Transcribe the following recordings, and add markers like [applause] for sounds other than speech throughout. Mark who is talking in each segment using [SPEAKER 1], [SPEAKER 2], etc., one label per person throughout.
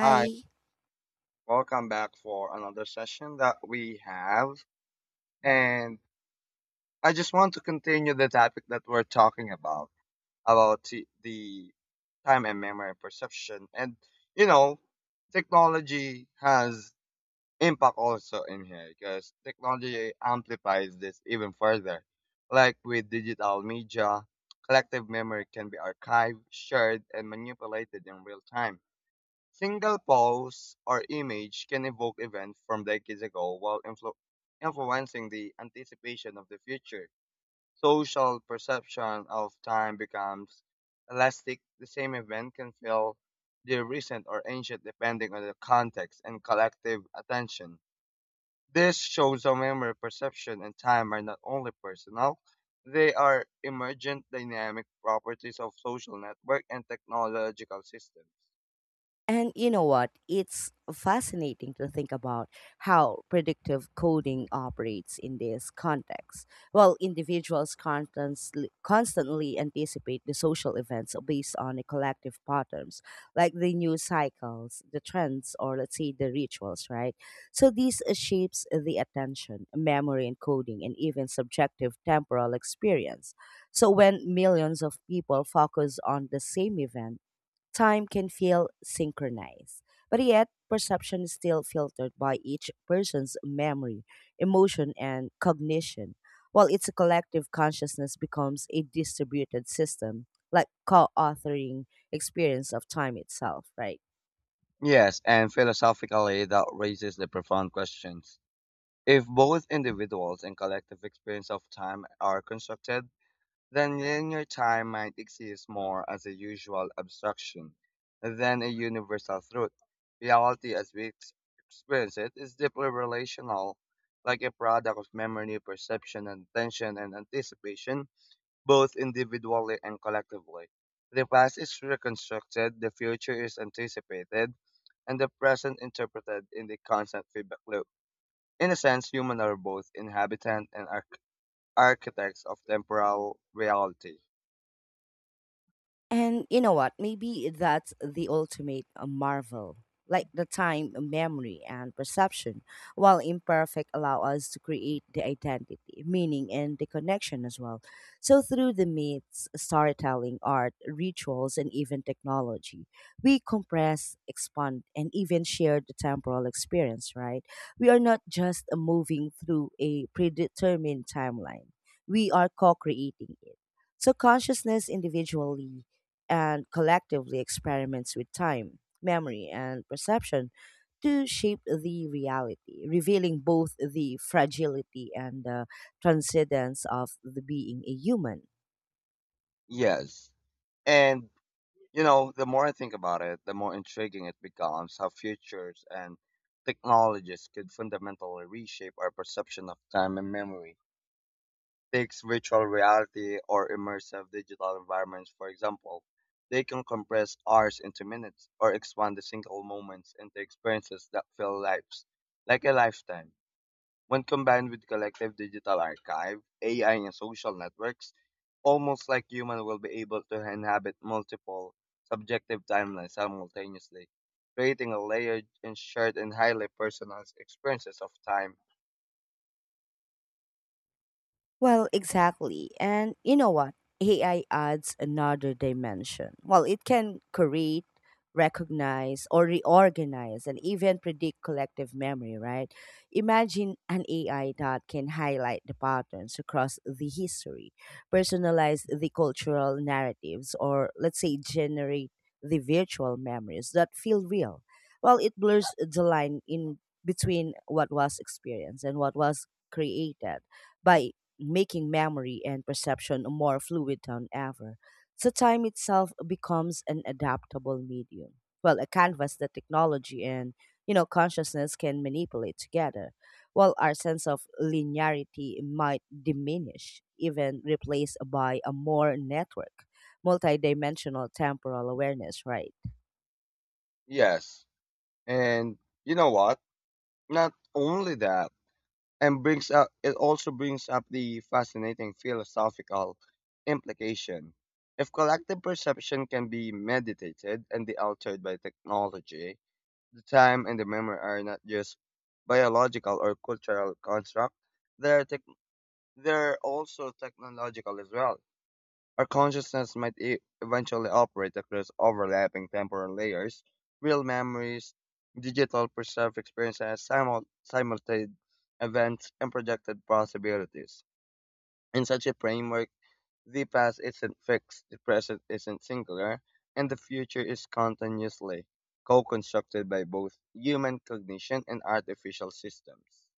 [SPEAKER 1] Hi, welcome back for another session that we have. And I just want to continue the topic that we're talking about the time and memory perception. You know, Technology has impact also in here because technology amplifies this even further. Like with digital media, collective memory can be archived, shared, and manipulated in real time. Single pose or image can evoke events from decades ago while influencing the anticipation of the future. Social perception of time becomes elastic. The same event can feel the recent or ancient depending on the context and collective attention. This shows how memory, perception, and time are not only personal, they are emergent dynamic properties of social network and technological systems.
[SPEAKER 2] And you know what? It's fascinating to think about how predictive coding operates in this context. Well, individuals constantly anticipate the social events based on the collective patterns, like the news cycles, the trends, or let's say the rituals, right? So this shapes the attention, memory encoding, and even subjective temporal experience. So when millions of people focus on the same event, time can feel synchronized. But yet, perception is still filtered by each person's memory, emotion, and cognition. While its collective consciousness becomes a distributed system, like co authoring experience of time itself, right?
[SPEAKER 1] Yes, and philosophically, that raises the profound questions. If both individuals and collective experience of time are constructed, then linear time might exist more as a usual abstraction than a universal truth. Reality, as we experience it, is deeply relational, like a product of memory, perception, and attention and anticipation, both individually and collectively. The past is reconstructed, the future is anticipated, and the present interpreted in the constant feedback loop. In a sense, humans are both inhabitants and architects of temporal reality.
[SPEAKER 2] And you know what? Maybe that's the ultimate marvel. Like the time, memory, and perception, while imperfect, allow us to create the identity, meaning, and the connection as well. So, through the myths, storytelling, art, rituals, and even technology, we compress, expand, and even share the temporal experience, right? We are not just moving through a predetermined timeline, we are co creating it. So, consciousness individually and collectively experiments with time, memory, and perception to shape the reality, revealing both the fragility and the transcendence of the being a human.
[SPEAKER 1] Yes. And, the more I think about it, the more intriguing it becomes how futures and technologies could fundamentally reshape our perception of time and memory. Takes virtual reality or immersive digital environments, for example. They can compress hours into minutes or expand the single moments into experiences that fill lives, like a lifetime. When combined with collective digital archive, AI, and social networks, almost like human will be able to inhabit multiple subjective timelines simultaneously, creating a layered and shared and highly personalized experiences of time.
[SPEAKER 2] Well, exactly. And you know what? AI adds another dimension. Well, it can create, recognize, or reorganize, and even predict collective memory, right? Imagine an AI that can highlight the patterns across the history, personalize the cultural narratives, or let's say generate the virtual memories that feel real. Well, it blurs the line in between what was experienced and what was created by making memory and perception more fluid than ever. So time itself becomes an adaptable medium. Well, a canvas that technology and you know consciousness can manipulate together. While our sense of linearity might diminish, even replaced by a more network, multidimensional temporal awareness, right?
[SPEAKER 1] Yes, and you know what? Not only that, and brings up it also brings up the fascinating philosophical implication. If collective perception can be meditated and be altered by technology, the time and the memory are not just biological or cultural construct, they're tech they're also technological as well. Our consciousness might eventually operate across overlapping temporal layers, real memories, digital perceived experiences, simultaneous events, and projected possibilities. In such a framework, the past isn't fixed, the present isn't singular, and the future is continuously co constructed by both human cognition and artificial systems.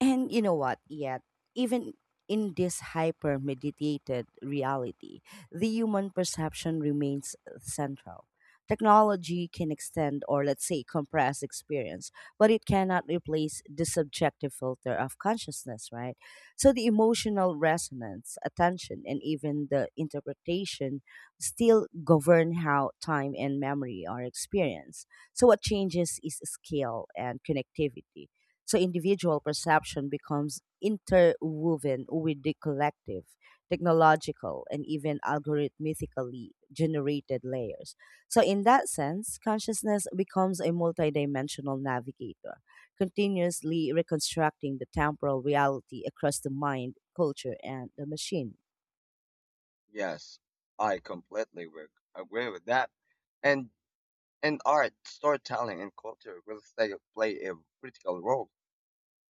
[SPEAKER 2] And you know what? Yet, even in this hyper mediated reality, the human perception remains central. Technology can extend or, let's say, compress experience, but it cannot replace the subjective filter of consciousness, right? So the emotional resonance, attention, and even the interpretation still govern how time and memory are experienced. So what changes is scale and connectivity, so individual perception becomes interwoven with the collective, technological, and even algorithmically generated layers. So in that sense, consciousness becomes a multidimensional navigator, continuously reconstructing the temporal reality across the mind, culture, and the machine.
[SPEAKER 1] Yes, I completely agree with that. And in art, storytelling and culture will still play a critical role,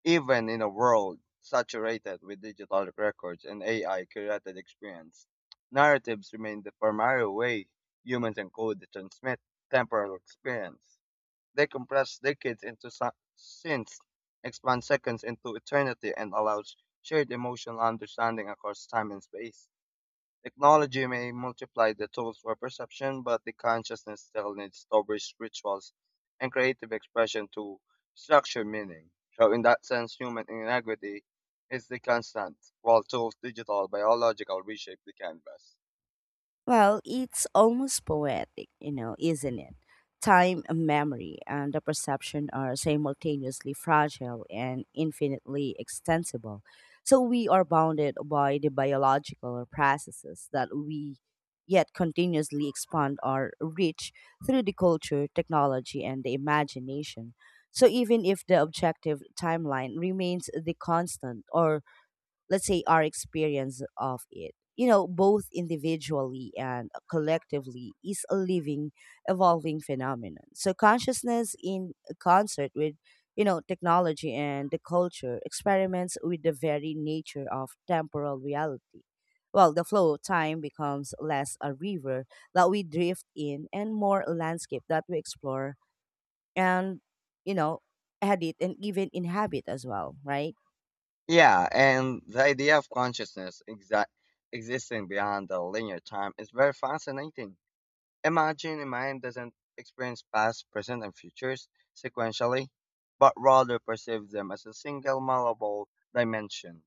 [SPEAKER 1] even in a world saturated with digital records and AI curated experience. Narratives remain the primary way humans encode and transmit temporal experience. They compress decades into scenes, expand seconds into eternity, and allows shared emotional understanding across time and space. Technology may multiply the tools for perception, but the consciousness still needs stories, rituals, and creative expression to structure meaning. So, in that sense, human inequity is the constant, while tools, digital, biological reshape the canvas.
[SPEAKER 2] Well, it's almost poetic, you know, isn't it? Time and memory and the perception are simultaneously fragile and infinitely extensible. So we are bounded by the biological processes that we yet continuously expand our reach through the culture, technology, and the imagination. So even if the objective timeline remains the constant, or let's say our experience of it, you know, both individually and collectively, is a living evolving phenomenon. So consciousness in concert with, you know, technology and the culture experiments with the very nature of temporal reality. Well, the flow of time becomes less a river that we drift in and more a landscape that we explore and, you know, edit and even inhabit as well, right?
[SPEAKER 1] Yeah, and the idea of consciousness existing beyond the linear time is very fascinating. Imagine in mind doesn't experience past, present, and futures sequentially, but rather perceives them as a single malleable dimension.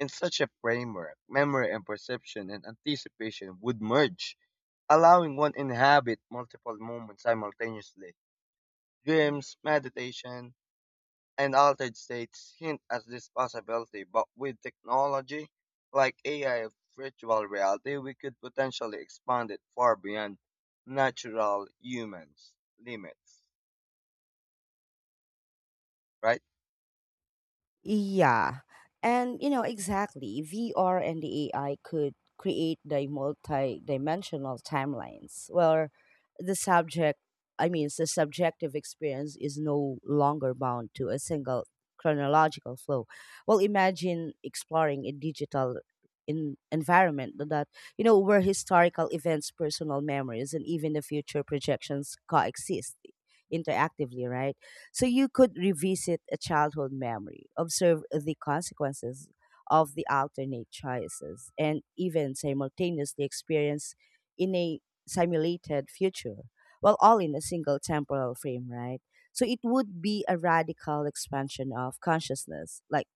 [SPEAKER 1] In such a framework, memory and perception and anticipation would merge, allowing one inhabit multiple moments simultaneously. Dreams, meditation, and altered states hint at this possibility, but with technology like AI of virtual reality, we could potentially expand it far beyond natural humans limits, right?
[SPEAKER 2] Yeah. And you know, exactly. VR and the AI could create the multi-dimensional timelines where the subject the subjective experience is no longer bound to a single chronological flow. Well, imagine exploring a digital in environment that, you know, where historical events, personal memories, and even the future projections coexist interactively, right? So you could revisit a childhood memory, observe the consequences of the alternate choices, and even simultaneously experience in a simulated future. Well, all in a single temporal frame, right? So it would be a radical expansion of consciousness, like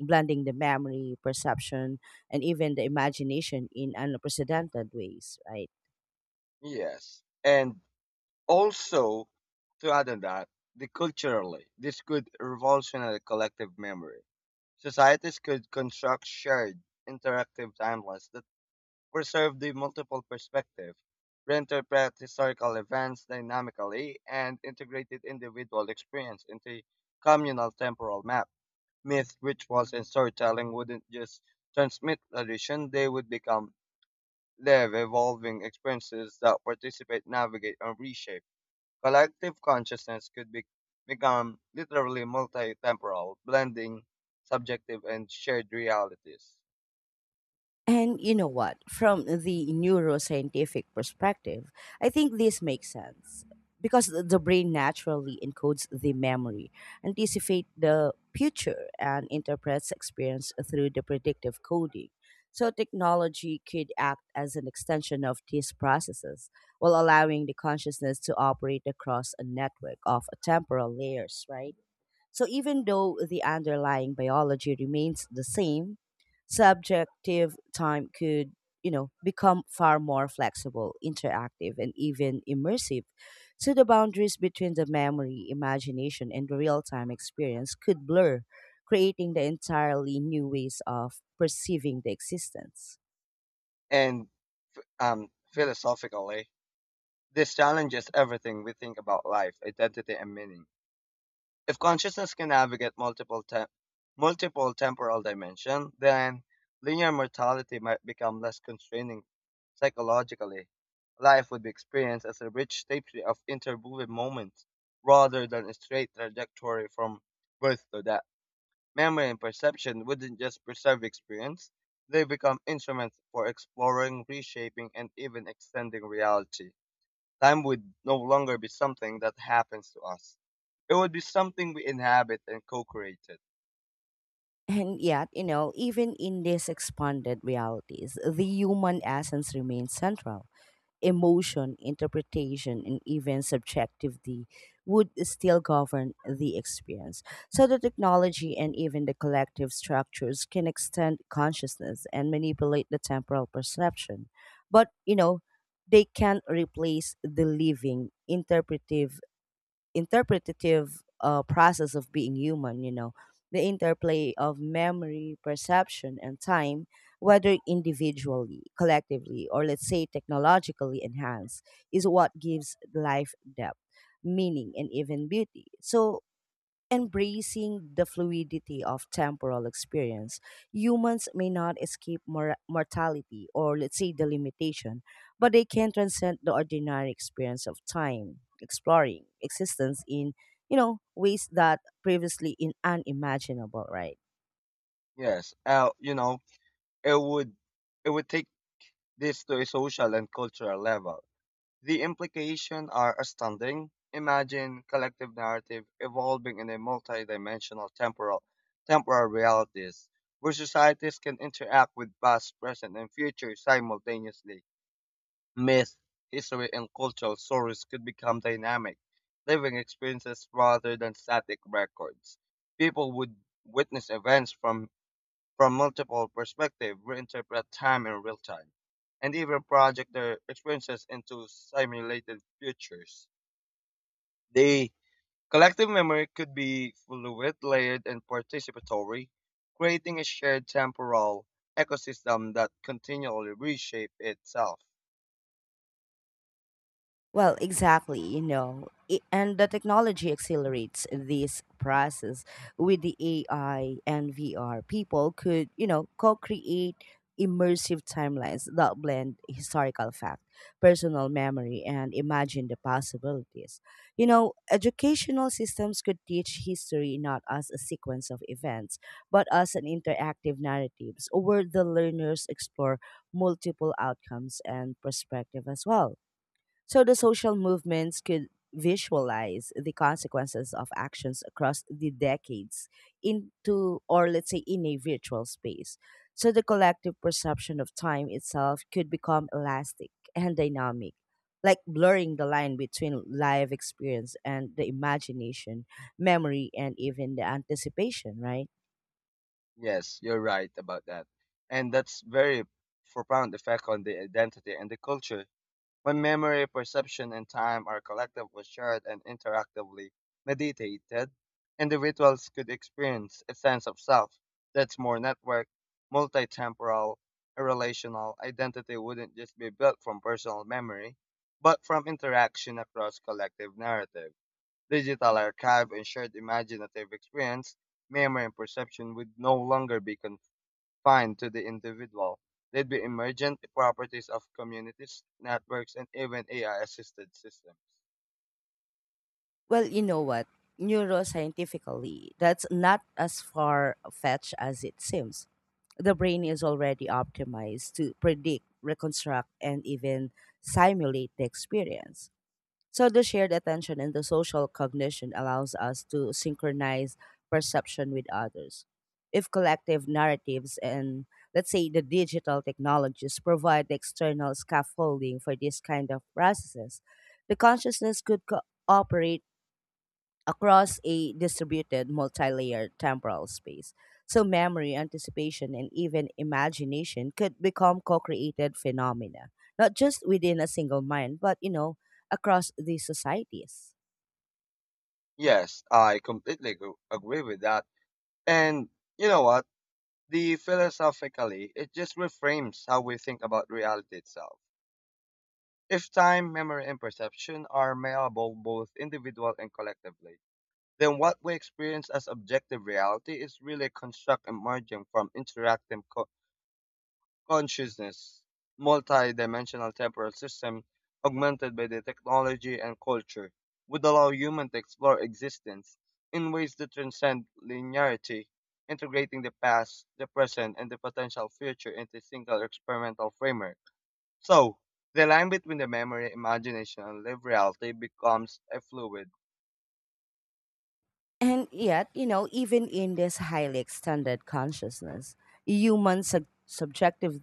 [SPEAKER 2] blending the memory, perception, and even the imagination in unprecedented ways, right?
[SPEAKER 1] Yes. And also, to add on that, the culturally, this could revolutionize collective memory. Societies could construct shared, interactive timelines that preserve the multiple perspective, reinterpret historical events dynamically, and integrated individual experience into communal temporal map. Myth, rituals, and storytelling, wouldn't just transmit tradition, they would become live, evolving experiences that participate, navigate, and reshape. Collective consciousness could be, become literally multi-temporal, blending subjective and shared realities.
[SPEAKER 2] And you know what? From the neuroscientific perspective, I think this makes sense because the brain naturally encodes the memory, anticipate the future, and interprets experience through the predictive coding. So technology could act as an extension of these processes while allowing the consciousness to operate across a network of temporal layers, right? So even though the underlying biology remains the same, subjective time could, you know, become far more flexible, interactive, and even immersive. So the boundaries between the memory, imagination, and the real-time experience could blur, creating the entirely new ways of perceiving the existence.
[SPEAKER 1] And philosophically, this challenges everything we think about life, identity, and meaning. If consciousness can navigate multiple temporal dimensions, then linear mortality might become less constraining psychologically. Life would be experienced as a rich tapestry of interwoven moments, rather than a straight trajectory from birth to death. Memory and perception wouldn't just preserve experience; they become instruments for exploring, reshaping, and even extending reality. Time would no longer be something that happens to us. It would be something we inhabit and co-created.
[SPEAKER 2] And yet, you know, even in these expanded realities, the human essence remains central: emotion, interpretation, and even subjectivity would still govern the experience. So the technology and even the collective structures can extend consciousness and manipulate the temporal perception. But, you know, they can't replace the living, interpretive interpretative process of being human, you know, the interplay of memory, perception, and time, whether individually, collectively, or let's say technologically enhanced, is what gives life depth, meaning, and even beauty. So, embracing the fluidity of temporal experience, humans may not escape mortality or, let's say, the limitation, but they can transcend the ordinary experience of time, exploring existence in, you know, ways that previously in unimaginable, right?
[SPEAKER 1] Yes, it would it would take this to a social and cultural level. The implications are astounding. Imagine collective narrative evolving in a multi-dimensional temporal realities where societies can interact with past, present, and future simultaneously. Myth, history, and cultural stories could become dynamic, living experiences rather than static records. People would witness events from, from multiple perspectives, reinterpret time in real time, and even project their experiences into simulated futures. The collective memory could be fluid, layered, and participatory, creating a shared temporal ecosystem that continually reshapes itself.
[SPEAKER 2] Well, exactly, you know, and the technology accelerates this process with the AI and VR. People could, you know, co create immersive timelines that blend historical fact, personal memory, and imagine the possibilities. You know, educational systems could teach history not as a sequence of events, but as an interactive narratives where the learners explore multiple outcomes and perspective as well. So the social movements could visualize the consequences of actions across the decades into, or let's say, in a virtual space. So the collective perception of time itself could become elastic and dynamic, like blurring the line between live experience and the imagination, memory, and even the anticipation, right?
[SPEAKER 1] Yes, you're right about that. And that's very profound effect on the identity and the culture. When memory, perception, and time are collectively shared and interactively meditated, individuals could experience a sense of self that's more networked, multitemporal, and relational. Identity wouldn't just be built from personal memory, but from interaction across collective narrative digital archive and shared imaginative experience. Memory and perception would no longer be confined to the individual. They'd be emergent properties of communities, networks, and even AI assisted systems.
[SPEAKER 2] Well, you know what? Neuroscientifically, that's not as far fetched as it seems. The brain is already optimized to predict, reconstruct, and even simulate the experience. So, the shared attention and the social cognition allows us to synchronize perception with others. If collective narratives and, let's say, the digital technologies provide the external scaffolding for this kind of processes, the consciousness could cooperate across a distributed multi-layered temporal space. So memory, anticipation, and even imagination could become co-created phenomena, not just within a single mind, but you know, across these societies.
[SPEAKER 1] Yes, I completely agree with that. And you know what? The philosophically, it just reframes how we think about reality itself. If time, memory, and perception are malleable both individual and collectively, then what we experience as objective reality is really a construct emerging from interactive consciousness. Multi-dimensional temporal system augmented by the technology and culture would allow humans to explore existence in ways that transcend linearity, integrating the past, the present, and the potential future into a single experimental framework. So, the line between the memory, imagination, and lived reality becomes a fluid.
[SPEAKER 2] And yet, you know, even in this highly extended consciousness, human sub- subjective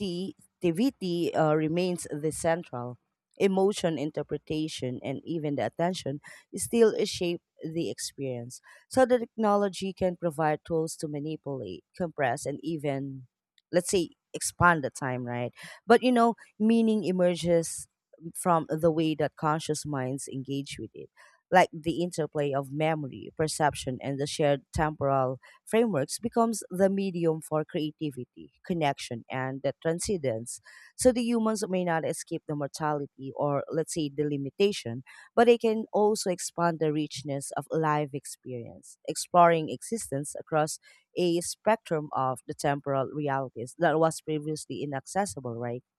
[SPEAKER 2] subjectivity remains the central. Emotion, interpretation, and even the attention still shape the experience. So the technology can provide tools to manipulate, compress, and even, let's say, expand the time, right? But you know, meaning emerges from the way that conscious minds engage with it, like the interplay of memory, perception, and the shared temporal frameworks becomes the medium for creativity, connection, and the transcendence. So the humans may not escape the mortality or, let's say, the limitation, but they can also expand the richness of life experience, exploring existence across a spectrum of the temporal realities that was previously inaccessible, right? [laughs]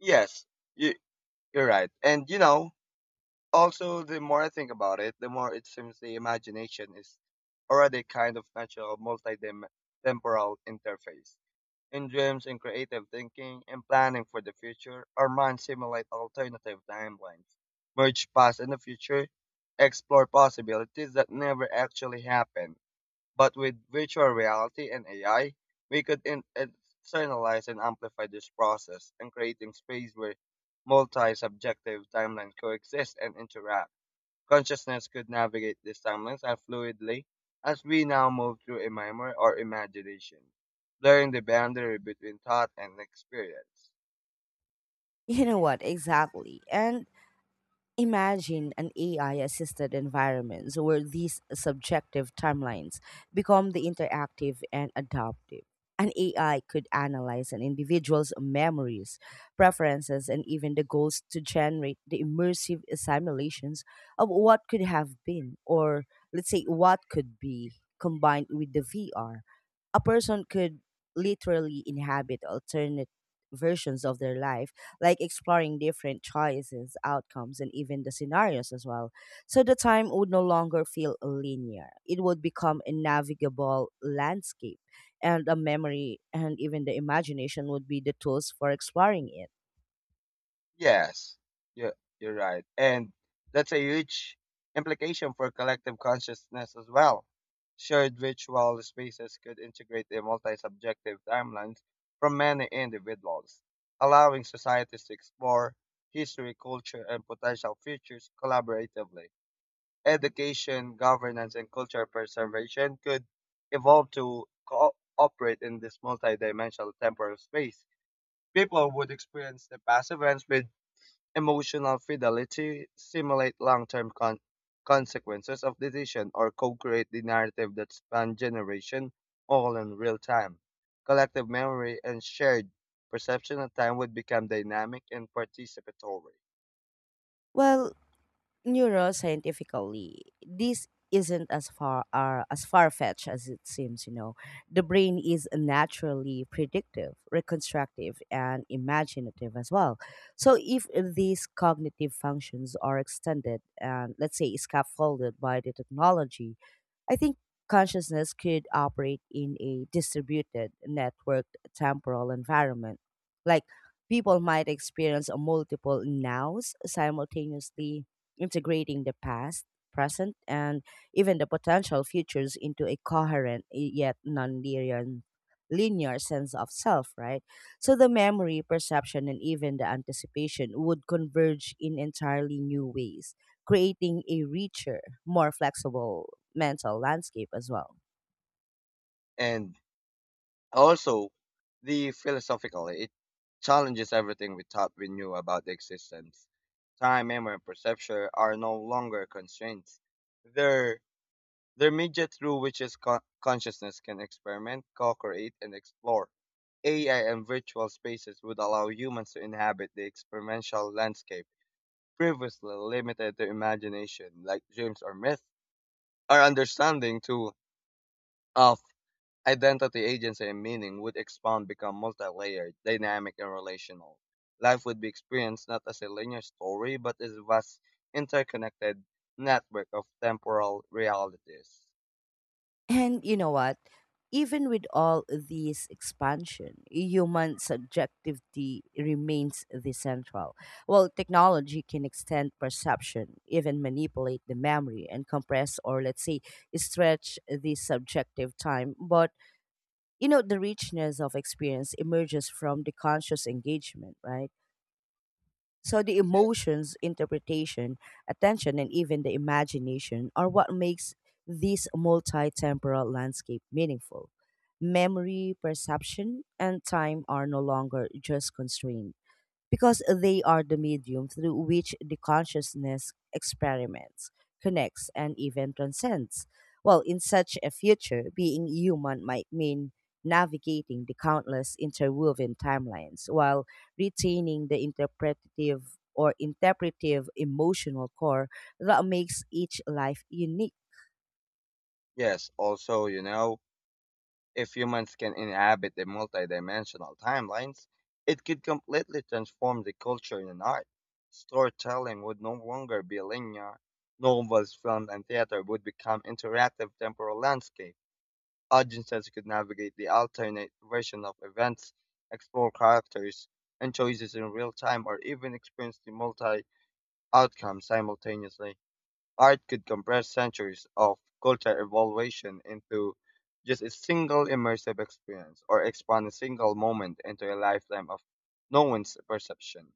[SPEAKER 1] Yes, you, you're right. Also, the more I think about it, the more it seems the imagination is already a kind of natural multi-temporal interface. In dreams and creative thinking and planning for the future, our minds simulate alternative timelines, merge past and the future, explore possibilities that never actually happen. But with virtual reality and AI, we could externalize and amplify this process and creating space where multi-subjective timelines coexist and interact. Consciousness could navigate these timelines as fluidly as we now move through a memory or imagination, blurring the boundary between thought and experience.
[SPEAKER 2] You know what, exactly. And imagine an AI assisted environment where these subjective timelines become the interactive and adaptive. An AI could analyze an individual's memories, preferences, and even the goals to generate the immersive simulations of what could have been, or let's say, what could be combined with the VR. A person could literally inhabit alternate versions of their life, like exploring different choices, outcomes, and even the scenarios as well. So the time would no longer feel linear. It would become a navigable landscape, and a memory and even the imagination would be the tools for exploring it.
[SPEAKER 1] Yes, you're, you're right. And that's a huge implication for collective consciousness as well. Shared virtual spaces could integrate the multi subjective timelines from many individuals, allowing societies to explore history, culture, and potential futures collaboratively. Education, governance, and cultural preservation could evolve to cooperate in this multidimensional temporal space. People would experience the past events with emotional fidelity, simulate long-term consequences of decision, or co-create the narrative that span generation all in real time. Collective memory and shared perception of time would become dynamic and participatory.
[SPEAKER 2] Well, neuroscientifically, this isn't as far fetched as it seems. You know, the brain is naturally predictive, reconstructive, and imaginative as well. So, if these cognitive functions are extended and let's say scaffolded by the technology, I think consciousness could operate in a distributed, networked temporal environment. Like people might experience a multiple nows simultaneously, integrating the past, present, and even the potential futures into a coherent yet non-linear linear sense of self, right? So the memory, perception, and even the anticipation would converge in entirely new ways, creating a richer, more flexible mental landscape as well.
[SPEAKER 1] And also, the philosophical, it challenges everything we thought we knew about the existence. Time, memory, and perception are no longer constraints. They're, they're media through which consciousness can experiment, co-create, and explore. AI and virtual spaces would allow humans to inhabit the experimental landscape previously limited to imagination, like dreams or myth. Our understanding too, of identity, agency, and meaning would expand, become multi-layered, dynamic, and relational. Life would be experienced not as a linear story, but as a vast, interconnected network of temporal realities.
[SPEAKER 2] And you know what? Even with all this expansion, human subjectivity remains the central. While technology can extend perception, even manipulate the memory and compress or, let's say, stretch the subjective time, but you know, the richness of experience emerges from the conscious engagement, right? So the emotions, interpretation, attention, and even the imagination are what makes this multi-temporal landscape meaningful. Memory, perception, and time are no longer just constraints, because they are the medium through which the consciousness experiments, connects, and even transcends. Well, in such a future, being human might mean navigating the countless interwoven timelines while retaining the interpretative or interpretive emotional core that makes each life unique.
[SPEAKER 1] Yes, also, you know, if humans can inhabit the multidimensional timelines, it could completely transform the culture and art. Storytelling would no longer be linear. Novels, film, and theater would become interactive temporal landscapes. Audiences could navigate the alternate version of events, explore characters and choices in real time, or even experience the multi outcomes simultaneously. Art could compress centuries of culture evaluation into just a single immersive experience, or expand a single moment into a lifetime of no one's perception.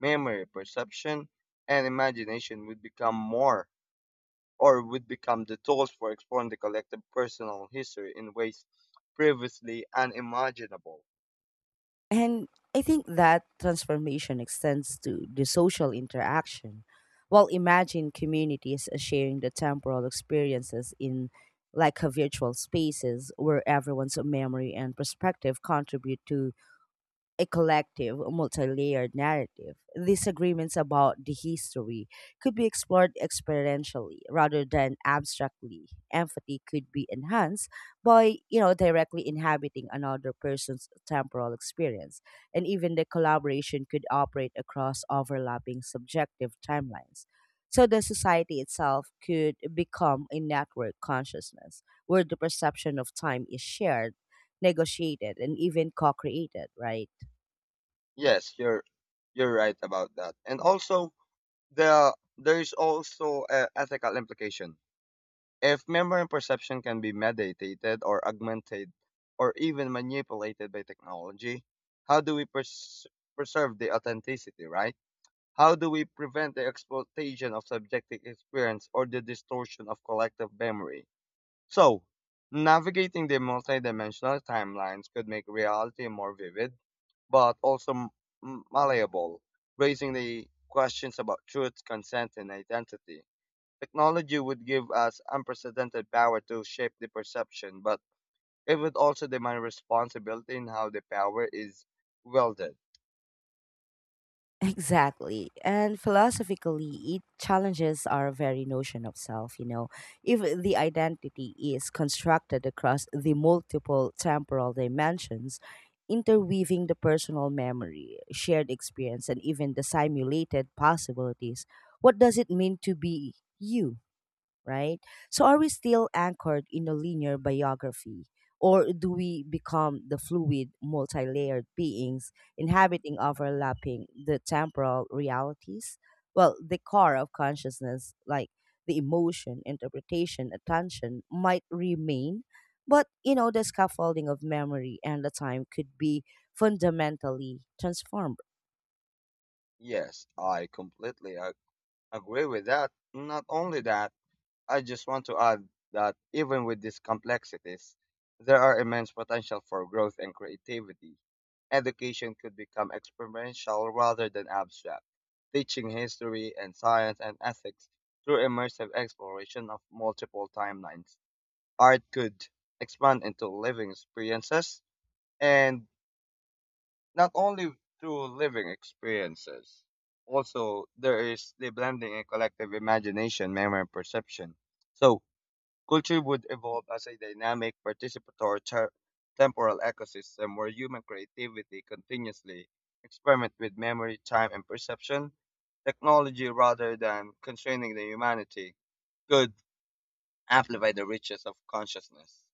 [SPEAKER 1] Memory, perception, and imagination would become the tools for exploring the collective personal history in ways previously unimaginable.
[SPEAKER 2] And I think that transformation extends to the social interaction. While imagine communities sharing the temporal experiences in like a virtual spaces where everyone's memory and perspective contribute to a collective, multi layered narrative. Disagreements about the history could be explored experientially rather than abstractly. Empathy could be enhanced by, you know, directly inhabiting another person's temporal experience. And even the collaboration could operate across overlapping subjective timelines. So the society itself could become a network consciousness where the perception of time is shared, negotiated, and even co created, right?
[SPEAKER 1] Yes, you're right about that. And also there's also a ethical implication. If memory and perception can be mediated or augmented or even manipulated by technology, how do we preserve the authenticity, right? How do we prevent the exploitation of subjective experience or the distortion of collective memory? So, navigating the multidimensional timelines could make reality more vivid, but also malleable, raising the questions about truth, consent, and identity. Technology would give us unprecedented power to shape the perception, but it would also demand responsibility in how the power is wielded.
[SPEAKER 2] Exactly. And philosophically, it challenges our very notion of self, you know. If the identity is constructed across the multiple temporal dimensions, interweaving the personal memory, shared experience, and even the simulated possibilities, what does it mean to be you, right? So are we still anchored in a linear biography? Or do we become the fluid, multi layered beings inhabiting overlapping the temporal realities? Well, the core of consciousness, like the emotion, interpretation, attention, might remain, but you know, the scaffolding of memory and the time could be fundamentally transformed.
[SPEAKER 1] Yes, I completely agree with that. Not only that, I just want to add that even with these complexities, there are immense potential for growth and creativity. Education could become experiential rather than abstract, teaching history and science and ethics through immersive exploration of multiple timelines. Art could expand into living experiences and not only through living experiences. Also, there is the blending and collective imagination, memory, and perception. So, culture would evolve as a dynamic, participatory temporal ecosystem where human creativity continuously experiment with memory, time, and perception. Technology, rather than constraining the humanity, could amplify the riches of consciousness.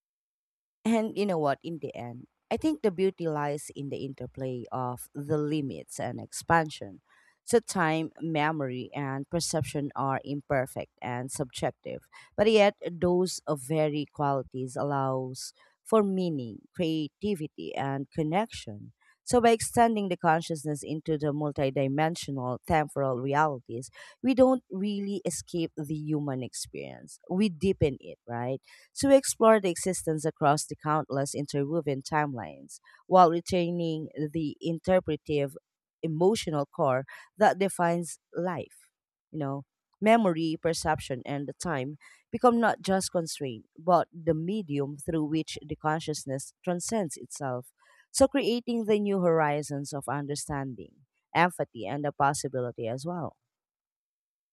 [SPEAKER 2] And you know what? In the end, I think the beauty lies in the interplay of the limits and expansion. So, time, memory, and perception are imperfect and subjective, but yet those of very qualities allows for meaning, creativity, and connection. So, by extending the consciousness into the multidimensional temporal realities, we don't really escape the human experience. We deepen it, right, to explore the existence across the countless interwoven timelines, while retaining the interpretive emotional core that defines life. You know, memory, perception, and the time become not just constraint, but the medium through which the consciousness transcends itself. So creating the new horizons of understanding, empathy, and the possibility as well.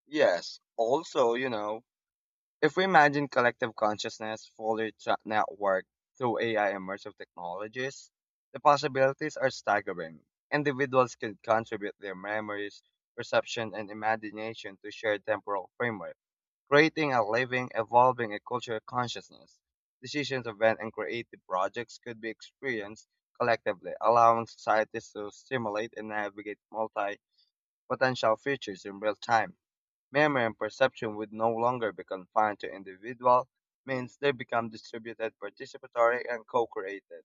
[SPEAKER 1] Yes, also, you know, if we imagine collective consciousness fully networked through AI immersive technologies, the possibilities are staggering. Individuals could contribute their memories, perception, and imagination to shared temporal framework, creating a living, evolving, and cultural consciousness. Decisions, events, and creative projects could be experienced collectively, allowing societies to stimulate and navigate multi-potential futures in real time. Memory and perception would no longer be confined to individual means, they become distributed, participatory, and co created.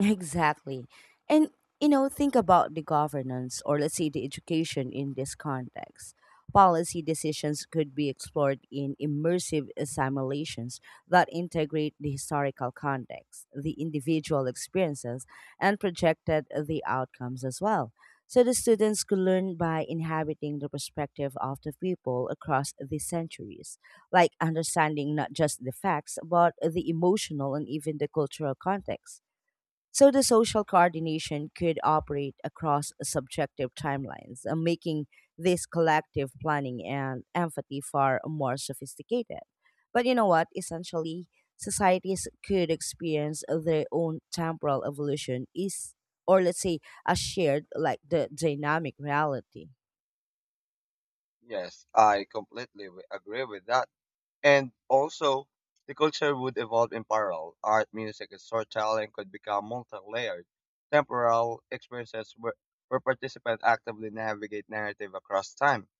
[SPEAKER 2] Exactly. And, you know, think about the governance or let's say the education in this context. Policy decisions could be explored in immersive simulations that integrate the historical context, the individual experiences, and projected the outcomes as well. So the students could learn by inhabiting the perspective of the people across the centuries, like understanding not just the facts, but the emotional and even the cultural context. So the social coordination could operate across subjective timelines, making this collective planning and empathy far more sophisticated. But you know what? Essentially, societies could experience their own temporal evolution is, or let's say, a shared like the dynamic reality.
[SPEAKER 1] Yes, I completely agree with that. And also, the culture would evolve in parallel. Art, music, and storytelling could become multi layered, temporal experiences where participants actively navigate narrative across time.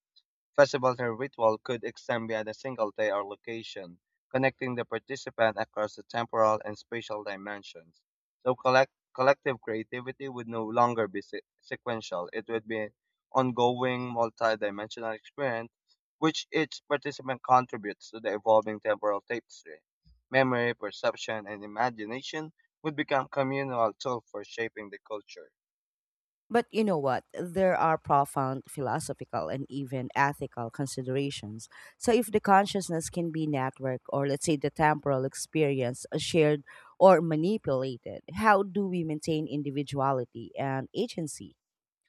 [SPEAKER 1] Festivals and ritual could extend beyond a single day or location, connecting the participant across the temporal and spatial dimensions. So collective creativity would no longer be sequential. It would be an ongoing multi-dimensional experience which each participant contributes to the evolving temporal tapestry. Memory, perception, and imagination would become communal tools for shaping the culture.
[SPEAKER 2] But you know what? There are profound philosophical and even ethical considerations. So, if the consciousness can be networked, or let's say the temporal experience shared or manipulated, how do we maintain individuality and agency?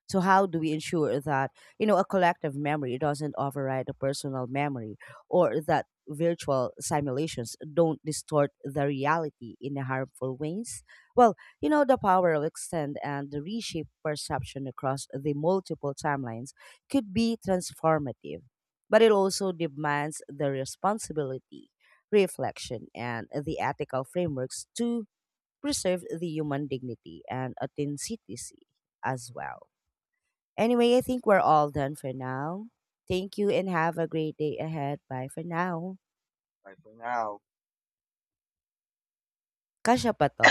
[SPEAKER 2] So how do we ensure that, you know, a collective memory doesn't override a personal memory, or that virtual simulations don't distort the reality in harmful ways? Well, you know, the power of extend and the reshape perception across the multiple timelines could be transformative, but it also demands the responsibility, reflection, and the ethical frameworks to preserve the human dignity and authenticity as well. Anyway, I think we're all done for now. Thank you and have a great day ahead. Bye for now.
[SPEAKER 1] Bye for now.
[SPEAKER 2] Kasha pa to.